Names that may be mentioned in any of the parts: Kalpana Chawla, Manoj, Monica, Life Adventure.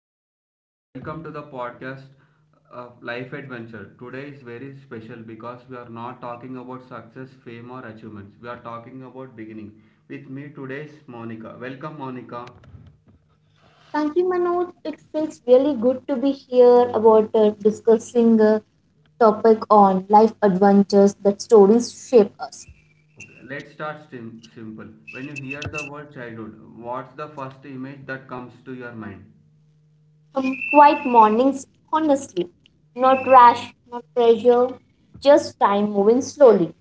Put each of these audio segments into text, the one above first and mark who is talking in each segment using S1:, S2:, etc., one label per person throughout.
S1: Hello everyone, welcome to the podcast of Life Adventure. Today is very special because we are not talking about success, fame or achievements. We are talking about beginning. With me today is Monica. Welcome Monica.
S2: Thank you, Manoj. It feels really good to be here about discussing a topic on life adventures that stories shape us.
S1: Okay, let's start simple. When you hear the word childhood, what's the first image that comes to your mind?
S2: From quiet mornings, honestly, not rash, not pressure, just time moving slowly.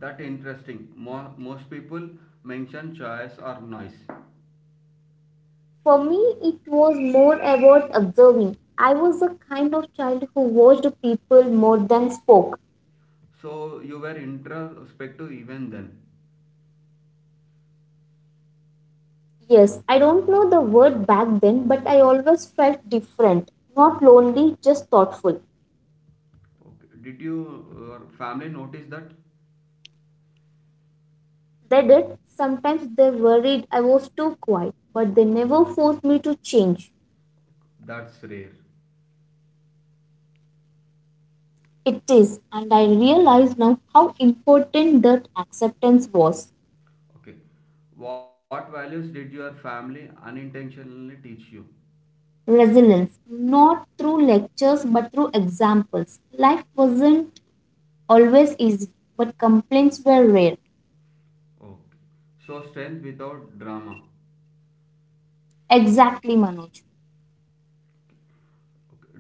S1: That interesting. Most people mention choice or noise.
S2: For me, it was more about observing. I was the kind of child who watched people more than spoke.
S1: So you were introspective even then.
S2: Yes, I don't know the word back then, but I always felt different. Not lonely, just thoughtful.
S1: Okay. Did you, your family notice that?
S2: They did. Sometimes they worried I was too quiet, but they never forced me to change.
S1: That's rare.
S2: It is, and I realize now how important that acceptance was.
S1: Okay. What values did your family unintentionally teach you?
S2: Resilience, not through lectures but through examples. Life wasn't always easy, but complaints were rare.
S1: Okay. So, strength without drama.
S2: Exactly, Manoj.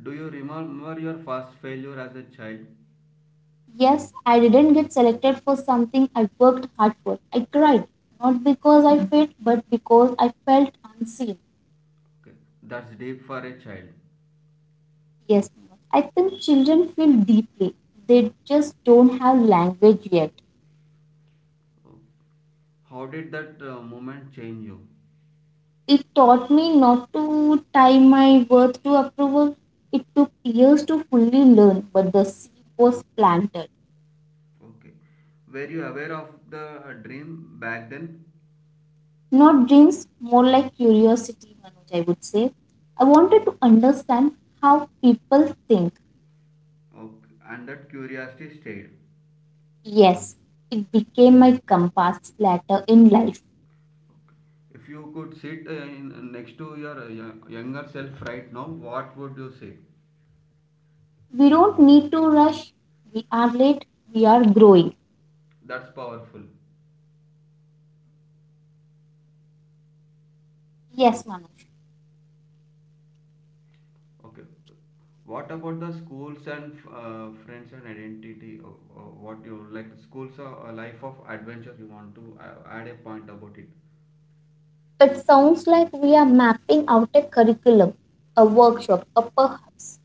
S1: Do you remember your first failure as a child?
S2: Yes, I didn't get selected for something I worked hard for. I cried, not because I failed, but because I felt unseen.
S1: Okay. That's deep for a child.
S2: Yes, Manoj. I think children feel deeply. They just don't have language yet.
S1: Oh. How did that moment change you?
S2: It taught me not to tie my worth to approval. It took years to fully learn, but the seed was planted.
S1: Okay. Were you aware of the dream back then?
S2: Not dreams, more like curiosity, Manoj, I would say. I wanted to understand how people think.
S1: Okay. And that curiosity stayed.
S2: Yes, it became my compass later in life.
S1: If you could sit next to your younger self right now, what would you say?
S2: We don't need to rush. We are late. We are growing.
S1: That's powerful.
S2: Yes, Manoj.
S1: Okay. What about the schools and friends and identity? What you like? Schools are a life of adventure. You want to add a point about it?
S2: It sounds like we are mapping out a curriculum, a workshop, or perhaps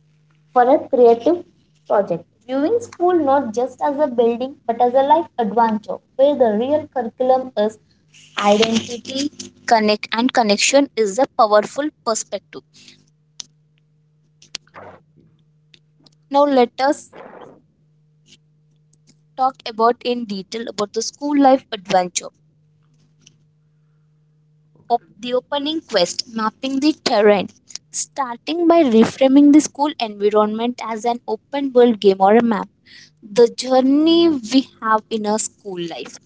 S2: for a creative project. Viewing school not just as a building but as a life adventure where the real curriculum is identity, connect, and connection is a powerful perspective.
S1: Okay.
S2: Now, let us talk about in detail about the school life adventure. Op-
S1: Okay.
S2: the opening quest, mapping the terrain. Starting by reframing the school environment as an open world game or a map the journey we have in our school life.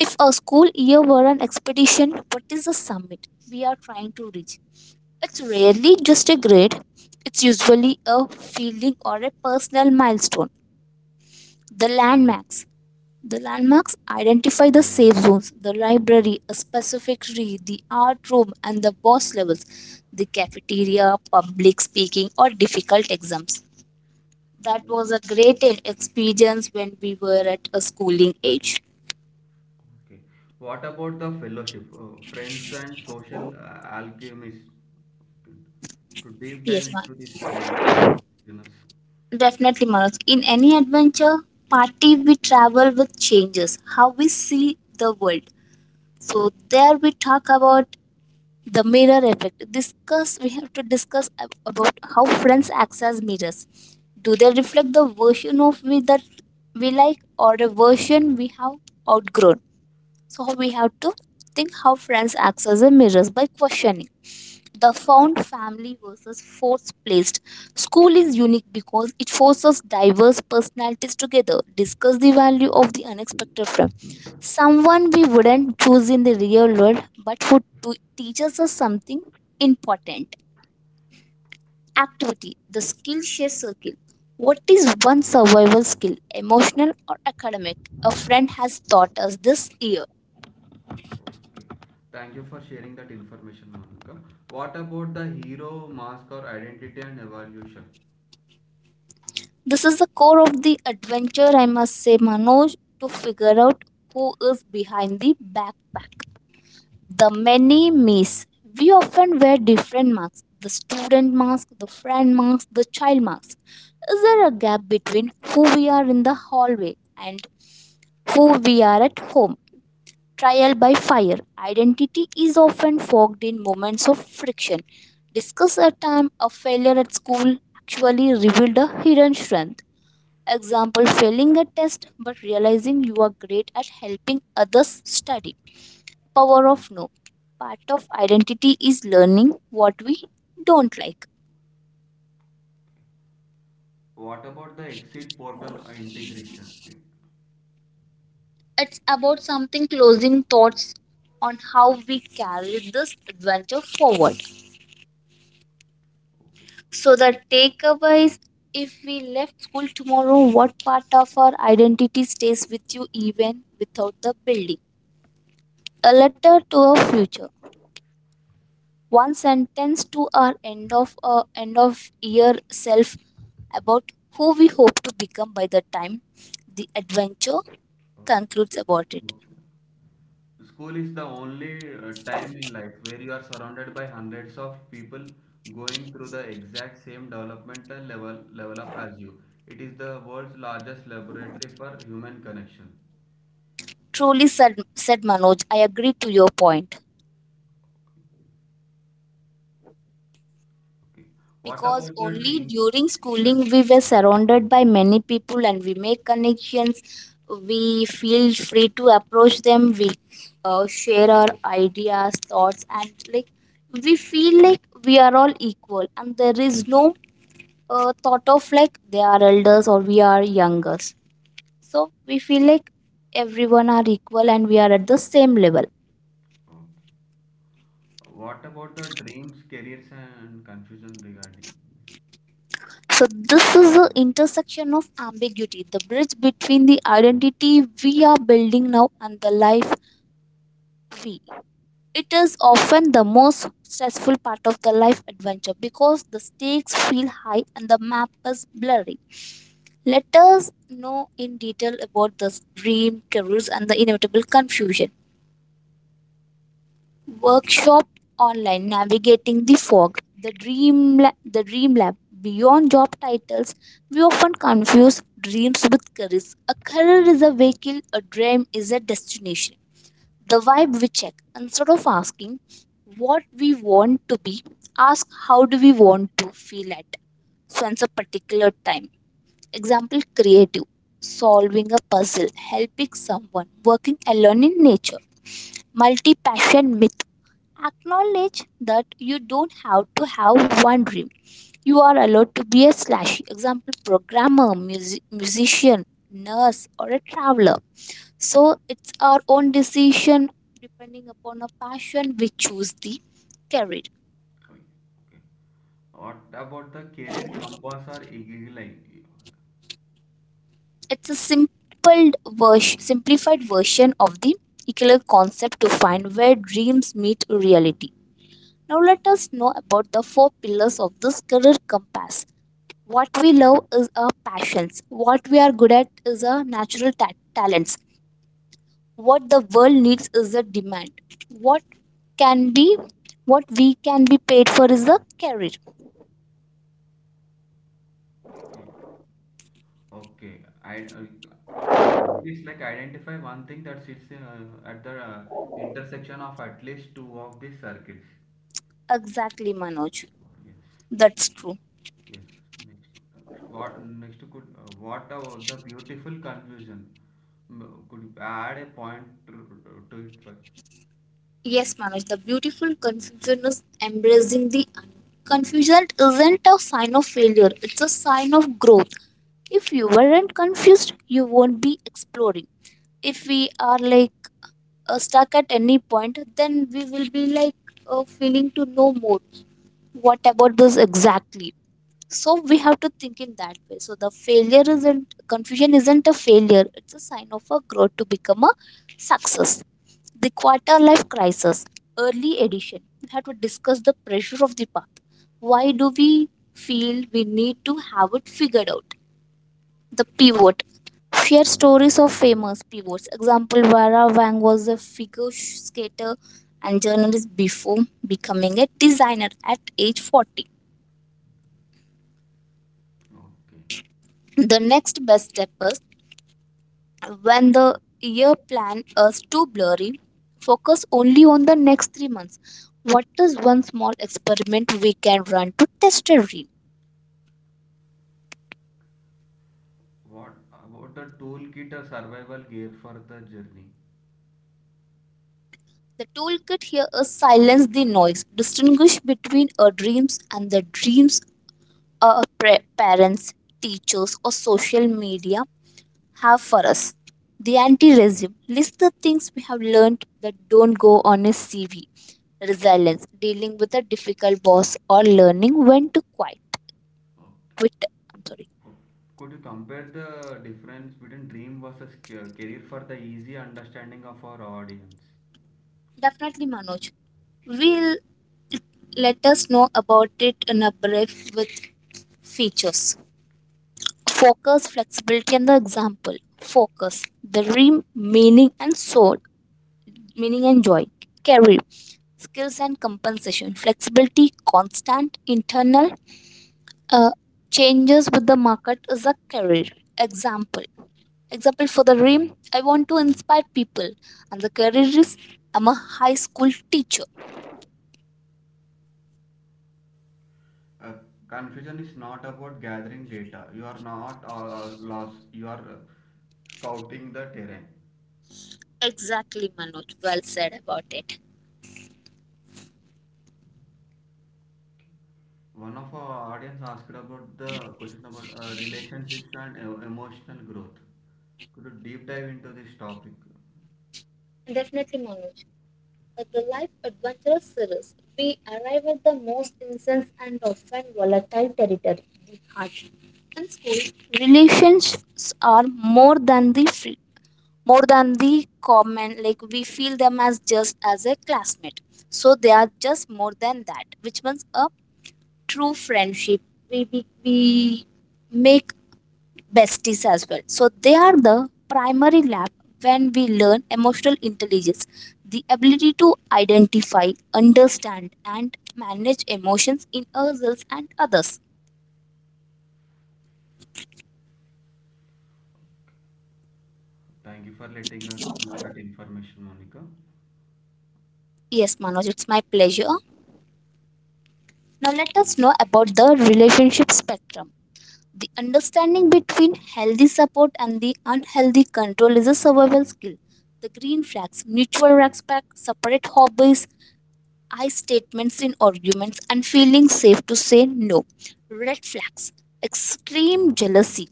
S2: If our school year were an expedition, what is the summit we are trying to reach? It's rarely just a grade, it's usually a feeling or a personal milestone. The landmarks. The landmarks identify the safe zones, the library, a specific read, the art room, and the boss levels, the cafeteria, public speaking, or difficult exams that was a great experience when we were at a schooling age.
S1: Okay. What about the fellowship, friends and social alchemists? To deep dive
S2: Yes, ma'am.
S1: into this point for our listeners.
S2: Definitely, Manoj. In any adventure party, we travel with changes, how we see the world. So there we talk about the mirror effect. Discuss. We have to discuss about how friends access mirrors. Do they reflect the version of we that we like, or a version we have outgrown? So we have to think how friends access the mirrors by questioning. The found family versus force placed. School is unique because it forces diverse personalities together, discuss the value of the unexpected from someone we wouldn't choose in the real world, but who teaches us something important. Activity, the Skillshare circle. What is one survival skill, emotional or academic, a friend has taught us this year?
S1: Okay. Thank you for sharing that information, Monica. What about the hero, mask, or identity and evolution?
S2: This is the core of the adventure, I must say, Manoj, to figure out who is behind the backpack. The many me's. We often wear different masks the student mask, the friend mask, the child mask. Is there a gap between who we are in the hallway and who we are at home? Trial by fire. Identity is often fogged in moments of friction. Discuss a time a failure at school actually revealed a hidden strength. Example, failing a test but realizing you are great at helping others study. Power of no. Part of identity is learning what we don't like.
S1: What about the exit portal integration? Okay.
S2: It's about something closing thoughts on how we carry this adventure forward. So the takeaway is if we left school tomorrow, what part of our identity stays with you even without the building? A letter to our future. One sentence to our end of year self about who we hope to become by the time the adventure
S1: Okay.
S2: concludes about it.
S1: Okay. School is the only time in life where you are surrounded by hundreds of people going through the exact same developmental level up as you. It is the world's largest laboratory for human connection.
S2: Truly said, said Manoj, I agree to your point
S1: Okay. What
S2: because
S1: about the
S2: only
S1: dreams
S2: during
S1: and
S2: schooling we were surrounded by many people and we make connections. We feel free to approach them. We share our ideas, thoughts, and like we feel like we are all equal and there is no thought of like they are elders or we are youngers. So we feel like everyone are equal and we are at the same level.
S1: okay. What about the dreams, careers and confusion regarding?
S2: So this is the intersection of ambiguity, the bridge between the identity we are building now and the life we. It is often the most stressful part of the life adventure because the stakes feel high and the map is blurry. Let us know in detail about this dream, careers, and the inevitable confusion. Workshop online, navigating the fog. The The dream lab, beyond job titles. We often confuse dreams with careers. A career is a vehicle, a dream is a destination. The vibe we check, instead of asking what we want to be, ask how do we want to feel at since a particular time. Example, creative, solving a puzzle, helping someone, working alone in nature. Multi-passion myth. Acknowledge that you don't have to have one dream. You are allowed to be a slash example programmer, music, musician, nurse, or a traveler. So it's our own decision. Depending upon our passion we choose the career.
S1: Okay. Okay. What about the career compass or eagle eye?
S2: It's a simple version, simplified version of the equal concept to find where dreams meet reality. Now let us know about the four pillars of this career compass. What we love is our passions. What we are good at is our natural talents. What the world needs is the demand. What can be, what we can be paid for is the career.
S1: Okay, I it's like identify one thing that sits at the intersection of at least two of these circles.
S2: Exactly, Manoj,
S1: Yes,
S2: that's true.
S1: yes. Next, uh, what next could what the beautiful confusion? Could you add a point to it first?
S2: Yes, Manoj, the beautiful confusion is embracing the unknown. Confusion isn't a sign of failure, it's a sign of growth. If you weren't confused you won't be exploring. If we are like stuck at any point, then we will be like feeling to know more. What about this exactly? So we have to think in that way. So the failure isn't, confusion isn't a failure. It's a sign of a growth to become a success. The quarter life crisis, early edition. We have to discuss the pressure of the path. Why do we feel we need to have it figured out? The pivot, share stories of famous pivots. Example, Vera Wang was a figure skater and journalist before becoming a designer at age 40.
S1: Okay.
S2: The next best step is when the year plan is too blurry, focus only on the next 3 months. What is one small experiment we can run to test a dream?
S1: What about the toolkit or survival gear for the journey?
S2: The toolkit here is silence the noise, distinguish between our dreams and the dreams our parents, teachers, or social media have for us. The anti resume list, the things we have learned that don't go on a CV. Resilience, dealing with a difficult boss, or learning when to quiet.
S1: Oh.
S2: Quit. I'm sorry.
S1: Could you compare the difference between dream versus career for the easy understanding of our audience?
S2: Definitely, Manoj. Will let us know about it in a brief with features. Focus, flexibility, and the example. Focus, the dream, meaning, and soul, meaning and joy. Career, skills and compensation. Flexibility, constant internal uh, changes with the market is a career. Example, example for the dream, I want to inspire people, and the career is I'm a high school teacher.
S1: Uh, confusion is not about gathering data. You are not lost. You are scouting the terrain.
S2: Exactly, Manoj, well said about it.
S1: One of our audience asked about the question about relationships and emotional growth. Could you deep dive into this topic?
S2: Definitely, Manoj. The life adventurous series, we arrive at the most intense and often volatile territory, the heart. And school relationships are more than the free, more than the common, like we feel them as just as a classmate. So they are just more than that, which means a true friendship. We make besties as well, so they are the primary lab when we learn emotional intelligence, the ability to identify, understand and manage emotions in ourselves and others.
S1: Thank you for letting us know that information, Monica.
S2: Yes, Manoj, it's my pleasure. Now let us know about the relationship spectrum. The understanding between healthy support and the unhealthy control is a survival skill. The green flags, mutual respect, separate hobbies, I statements in arguments, and feeling safe to say no. Red flags, extreme jealousy,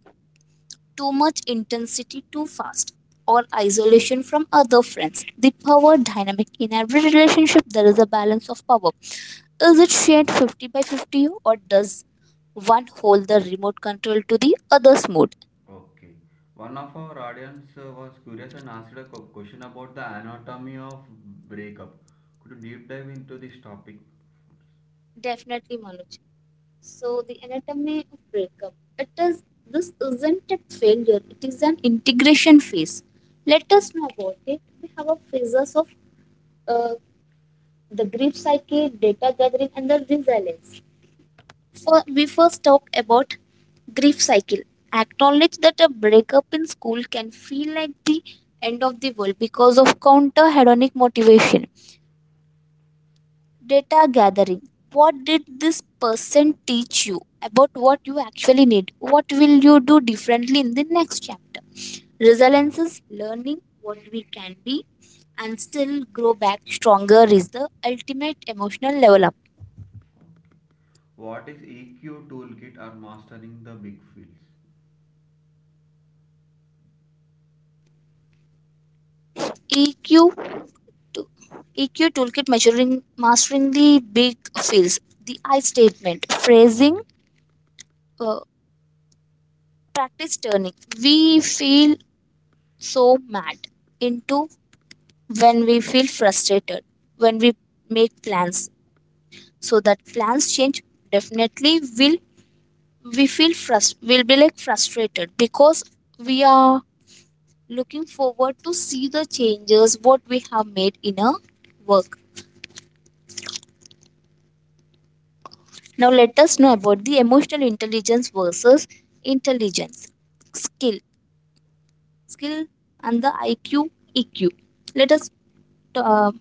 S2: too much intensity too fast, or isolation from other friends. The power dynamic, in every relationship, there is a balance of power. Is it shared 50 by 50, or does one hold the remote control to the other's mood?
S1: Okay. One of our audience was curious and asked a question about the anatomy of breakup. Could you deep dive into this topic?
S2: Definitely, Manoj. So, the anatomy of breakup. It is, this isn't a failure, it is an integration phase. Let us know about it. We have a phases of uh, the grief psyche, data gathering, and the resilience. We first talked about grief cycle. Acknowledge that a breakup in school can feel like the end of the world because of counter hedonic motivation. Data gathering. What did this person teach you about what you actually need? What will you do differently in the next chapter? Resilience is learning what we can be and still grow back stronger is the ultimate emotional level up.
S1: What is EQ toolkit or mastering the big fields?
S2: EQ to EQ toolkit measuring mastering the big fields, the I statement, phrasing, uh, practice turning. We feel so mad into when we feel frustrated, when we make plans. So that plans change definitely will we feel frust will be like frustrated because we are looking forward to see the changes what we have made in our work. Now let us know about the emotional intelligence versus intelligence skill, skill and the I Q, E Q. Let us uh,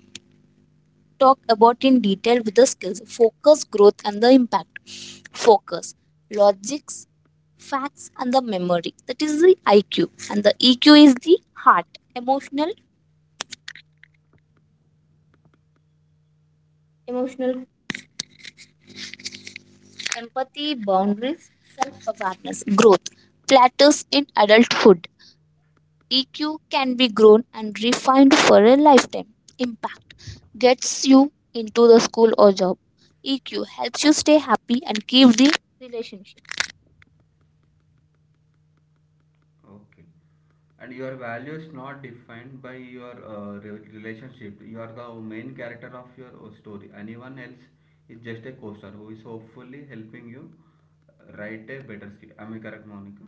S2: talk about in detail with the skills focus, growth and the impact. Focus, logics, facts and the memory. That is the IQ and the EQ is the heart, emotional, emotional empathy, boundaries, self awareness, growth. Plateaus in adulthood EQ can be grown and refined for a lifetime. Impact gets you into the school or job. EQ helps you stay happy and keep the relationship.
S1: Okay. And your value is not defined by your relationship. You are the main character of your story. Anyone else is just a co-star who is hopefully helping you write a better script. Am I correct, Monica?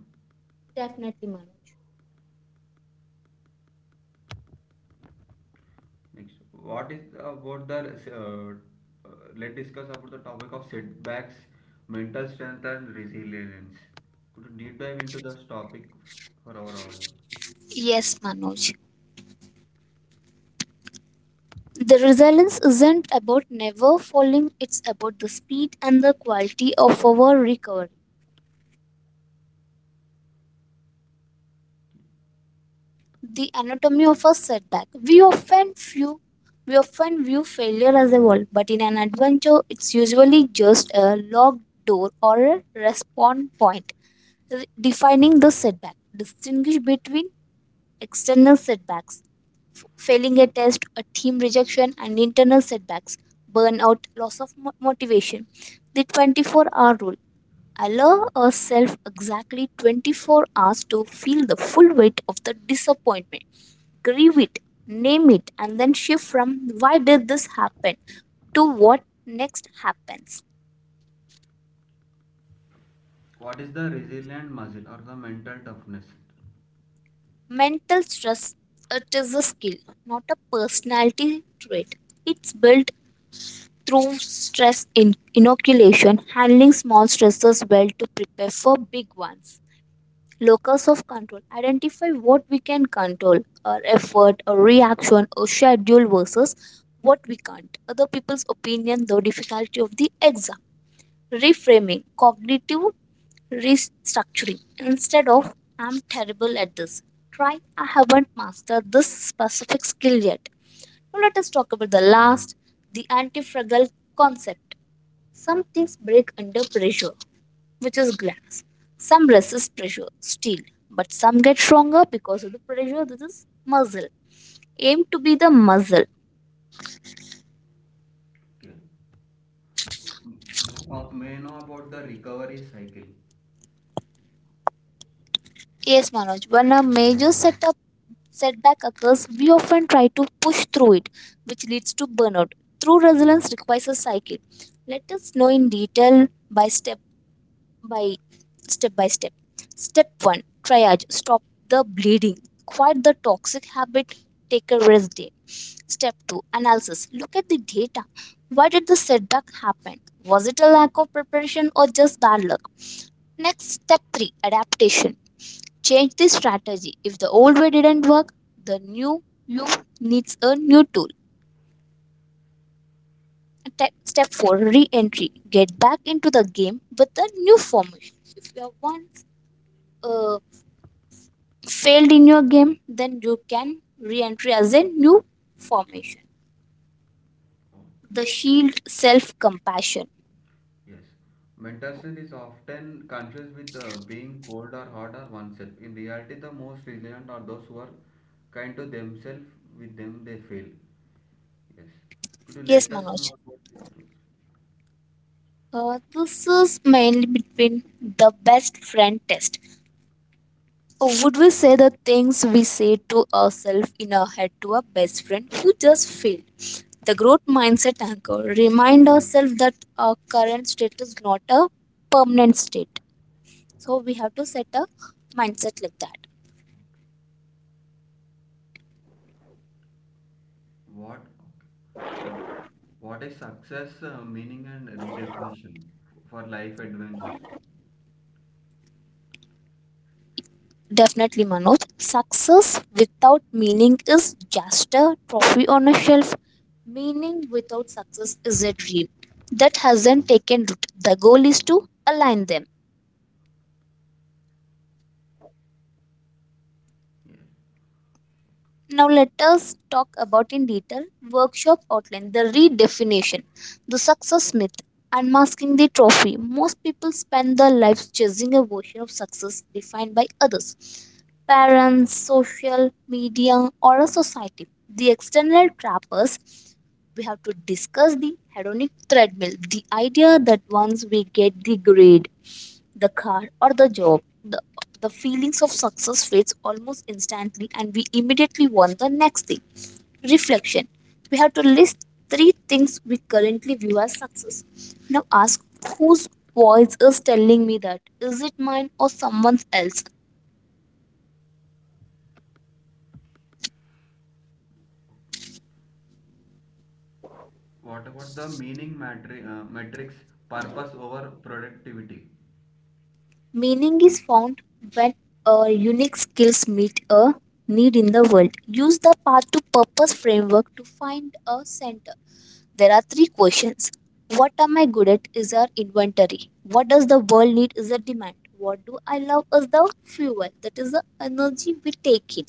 S2: Definitely, Manoj.
S1: Next, what is about the let's discuss about the topic of setbacks, mental strength, and resilience. Could you deep dive into this topic for our audience?
S2: Yes, Manoj. The resilience isn't about never falling, it's about the speed and the quality of our recovery. The anatomy of a setback. We often view failure as a wall, but in an adventure, it's usually just a locked door or a respawn point. Defining the setback, distinguish between external setbacks, failing a test, a team rejection, and internal setbacks, burnout, loss of motivation. The 24-hour rule. Allow yourself exactly 24 hours to feel the full weight of the disappointment. Grieve it, name it, and then shift from why did this happen to what next happens.
S1: What is the resilient muscle or the mental toughness?
S2: Mental stress, it is a skill, not a personality trait. It's built through stress inoculation, handling small stresses well to prepare for big ones. Locus of control. Identify what we can control, our effort, our reaction, or schedule versus what we can't. Other people's opinion, the difficulty of the exam. Reframing. Cognitive restructuring. Instead of I'm terrible at this. Try I haven't mastered this specific skill yet. Now let us talk about the last, the antifragile concept. Some things break under pressure, which is glass. Some resist pressure, steel, but some get stronger because of the pressure. This is muzzle. Aim to be the muzzle.
S1: Okay. May know about the recovery cycle.
S2: Yes, Manoj. When a major setup setback occurs, we often try to push through it, which leads to burnout. True resilience requires a cycle. Let us know in detail by by step Step 1, Triage. Stop the bleeding. Quite the toxic habit. Take a rest day. Step 2, Analysis. Look at the data. Why did the setback happen? Was it a lack of preparation or just bad luck? Next, step 3, Adaptation. Change the strategy. If the old way didn't work, the new you needs a new tool. Step 4, Re entry. Get back into the game with the new formation. If you are once uh, failed in your game, then you can re enter as a new formation.
S1: Okay.
S2: The shield, self compassion.
S1: Yes. Mental strength is often confused with being cold or hot or oneself. In reality, the most resilient are those who are kind to themselves. With them, they fail. Yes. Could you
S2: Yes,
S1: let us know
S2: Manoj.
S1: about this?
S2: This is mainly between the best friend test. Would we say the things we say to ourselves in our head to our best friend who just failed? The growth mindset anchor. Remind ourselves that our current state is not a permanent state. So we have to set a mindset like that.
S1: What? Okay. What? What is success, meaning, and redefinition for life adventures?
S2: Definitely, Manoj. Success without meaning is just a trophy on a shelf. Meaning without success is a dream that hasn't taken root. The goal is to align them. Now, let us talk about in detail workshop outline the redefinition, the success myth, unmasking the trophy. Most people spend their lives chasing a version of success defined by others, parents, social media, or a society. The external trappers, we have to discuss the hedonic treadmill, the idea that once we get the grade, the car, or the job, the feelings of success fades almost instantly and we immediately want the next thing. Reflection. We have to list three things we currently view as success. Now ask, whose voice is telling me that? Is it mine or someone else?
S1: What about the meaning matri matrix purpose over productivity?
S2: Meaning is found when a unique skills meet a need in the world. Use the path to purpose framework to find a center. There are three questions. What am I good at is our inventory. What does the world need is a demand. What do I love is the fuel. That is the energy we take in.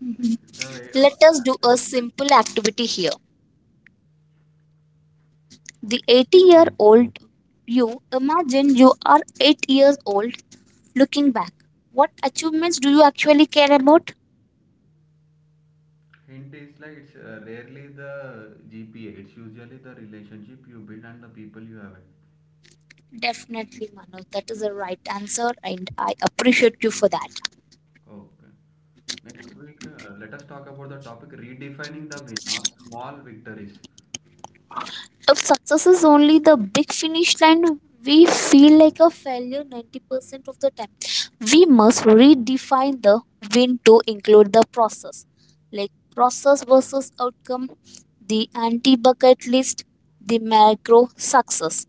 S2: Mhm.
S1: Like the
S2: Let us do a
S1: advertisement.
S2: simple activity here. The
S1: Okay.
S2: 80-year-old you, imagine you are 8 years old looking back. What achievements do you actually care about?
S1: Hint is like it's rarely the GPA. It's usually the relationship you build and the people you have.
S2: Definitely, Manoj. That is the right answer, and I appreciate you for that.
S1: Okay. Next week, let us talk about the topic redefining the win or small victories.
S2: If success is only the big finish line, we feel like a failure 90% of the time. We must redefine the win to include the process, like process versus outcome, the anti bucket list, the macro success.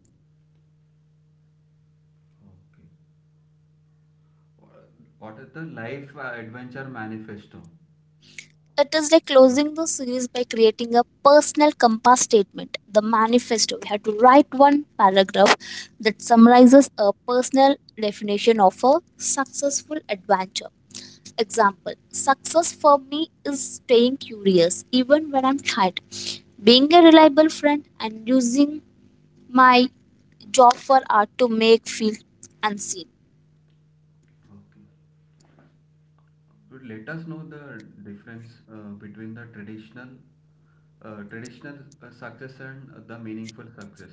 S1: Okay. What what is the life adventure manifesto?
S2: It is like closing the series by creating a personal compass statement, the manifesto. We have to write one paragraph that summarizes a personal definition of a successful adventure. Example, success for me is staying curious even when I'm tired, being a reliable friend, and using my job for art to make feel unseen.
S1: Okay. So let us know the difference between the traditional success and the meaningful success.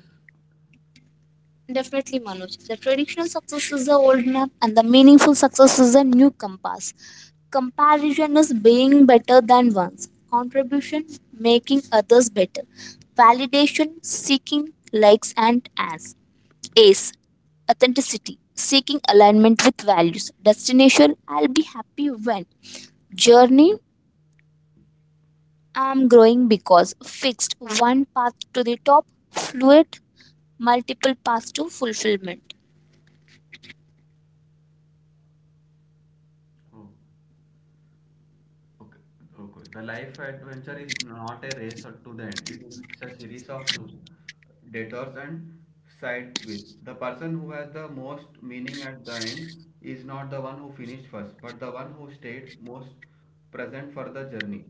S2: Definitely, Manoj. The traditional success is the old map, and the meaningful success is the new compass. Comparison is being better than once. Contribution, making others better. Validation, seeking likes and as. Ace, authenticity, seeking alignment with values. Destination, I'll be happy when. Journey, I'm growing because. Fixed, one path to the top. Fluid, multiple paths to fulfillment.
S1: Oh, okay, okay. The life adventure is not a race or to the end. It is a series of loops, detours, and side quests. The person who has the most meaning at the end is not the one who finished first, but the one who stayed most present for the journey.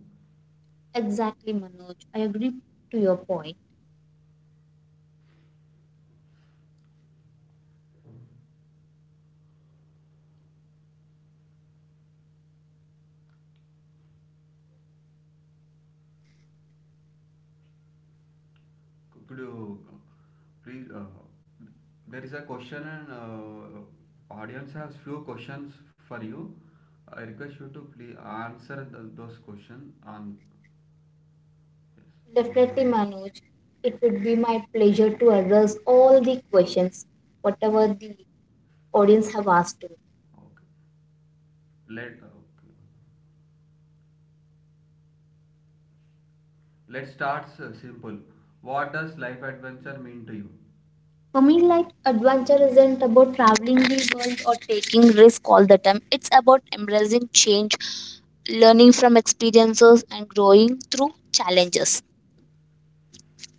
S2: Exactly, Manoj. I agree to your point.
S1: Could you please? There is a question, and audience has few questions for you. I request you to please answer those questions. On yes.
S2: Definitely, Manoj. It would be my pleasure to address all the questions, whatever the audience have asked to.
S1: Oh, okay. Let okay. Let's start simple. What does life adventure mean to you?
S2: For me, like adventure isn't about traveling the world or taking risk all the time. It's about embracing change, learning from experiences, and growing through challenges.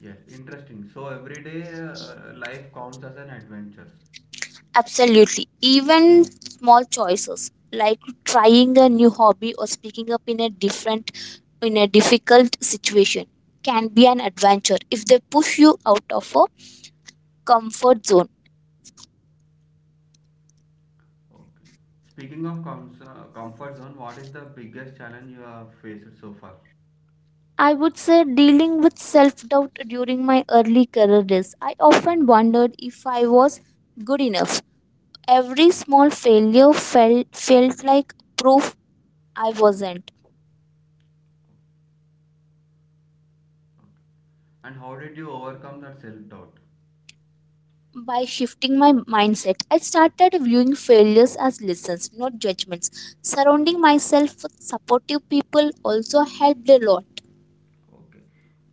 S1: Yes, interesting. So every day life counts as an adventure.
S2: Absolutely. Even small choices like trying a new hobby or speaking up in a different in a difficult situation can be an adventure if they push you out of a comfort zone.
S1: Okay. Speaking of comfort zone, what is the biggest challenge you have faced so far?
S2: I would say dealing with self-doubt during my early career days. I often wondered if I was good enough. Every small failure felt like proof I wasn't.
S1: And how did you overcome that self doubt?
S2: By shifting my mindset, I started viewing failures as lessons, not judgments. Surrounding myself with supportive people also helped a lot.
S1: Okay.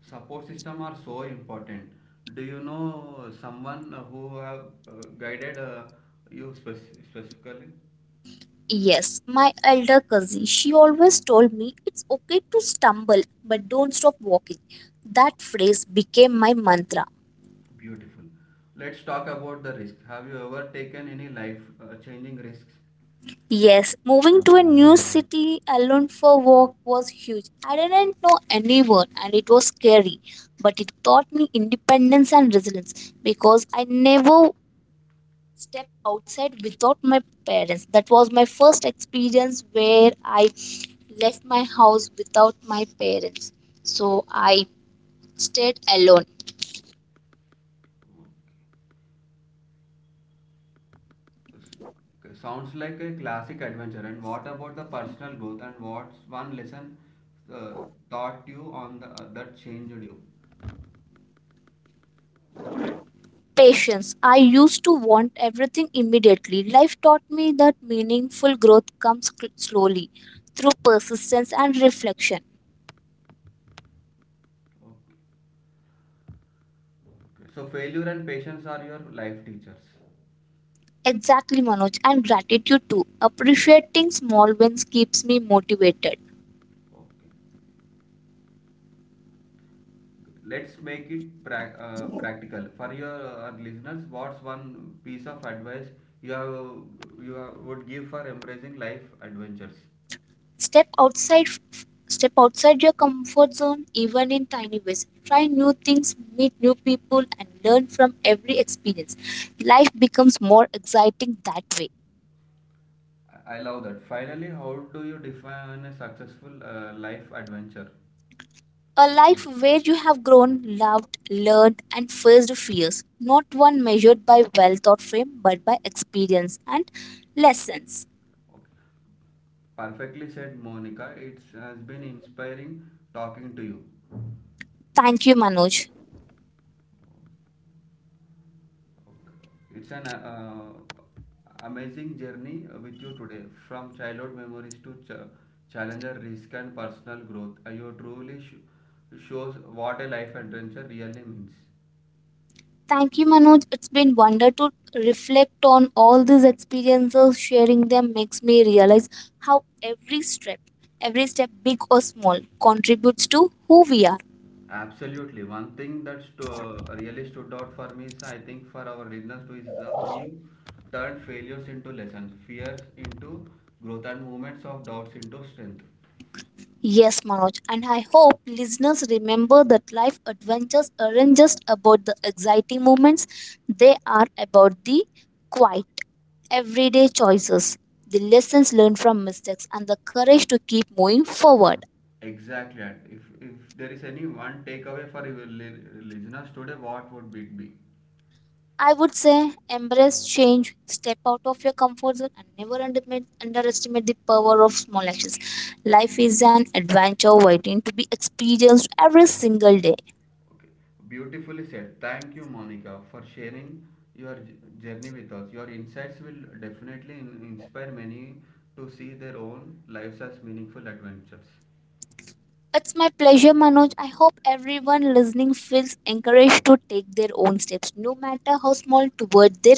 S1: Support system are so important. Do you know someone who have guided you specifically?
S2: Yes, my elder cousin, she always told me it's okay to stumble, but don't stop walking. That phrase became my mantra.
S1: Beautiful. Let's talk about the risk. Have you ever taken any life changing risks?
S2: Yes, moving to a new city alone for work was huge. I didn't know anyone and it was scary, but it taught me independence and resilience because I never step outside without my parents. That was my first experience where I left my house without my parents. So I stayed alone.
S1: Okay, sounds like a classic adventure. And what about the personal growth? And what's one lesson uh, taught you on that changed you?
S2: Patience. I used to want everything immediately. Life taught me that meaningful growth comes slowly through persistence and reflection.
S1: Okay. Okay. So failure and patience are your life teachers.
S2: Exactly, Manoj, and gratitude too. Appreciating small wins keeps me motivated.
S1: Okay. Let's make it practical for your listeners. What's one piece of advice you have, you have, would give for embracing life adventures?
S2: step outside Step outside your comfort zone, even in tiny ways. Try new things, meet new people, and learn from every experience. Life becomes more exciting that way.
S1: I love that. Finally, how do you define a successful life adventure?
S2: A life where you have grown, loved, learned, and faced fears, not one measured by wealth or fame but by experience and lessons.
S1: Okay. Perfectly said, Monica. It has been inspiring talking to you.
S2: Thank you, Manoj.
S1: Okay. It's an amazing journey with you today, from childhood memories to challenger, risk, and personal growth. You truly shows what a life adventure really means.
S2: Thank you, Manoj. It's been wonder to reflect on all these experiences. Sharing them makes me realize how every step, big or small, contributes to who we are.
S1: Absolutely. One thing that really stood out for me is, I think, for our listeners too, is how you turn failures into lessons, fears into growth, and moments of doubts into strength.
S2: Yes, Manoj, and I hope listeners remember that life adventures aren't just about the exciting moments, they are about the quiet, everyday choices, the lessons learned from mistakes, and the courage to keep moving forward.
S1: Exactly. And if there is any one takeaway for your listeners today, what would it be?
S2: I would say embrace change, step out of your comfort zone, and never underestimate the power of small actions. Life is an adventure waiting to be experienced every single day.
S1: Okay. Beautifully said. Thank you, Monica, for sharing your journey with us. Your insights will definitely inspire many to see their own lives as meaningful adventures.
S2: It's my pleasure, Manoj. I hope everyone listening feels encouraged to take their own steps, no matter how small, toward their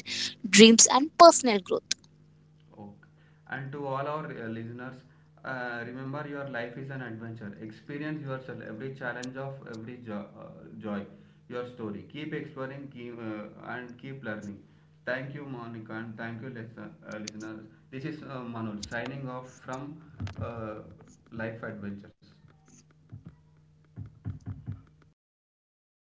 S2: dreams and personal growth.
S1: Okay. And to all our listeners, remember your life is an adventure. Experience yourself, every challenge of every joy, your story. Keep exploring, and keep learning. Thank you, Monica, and thank you, listeners. This is Manoj signing off from uh, Life Adventures.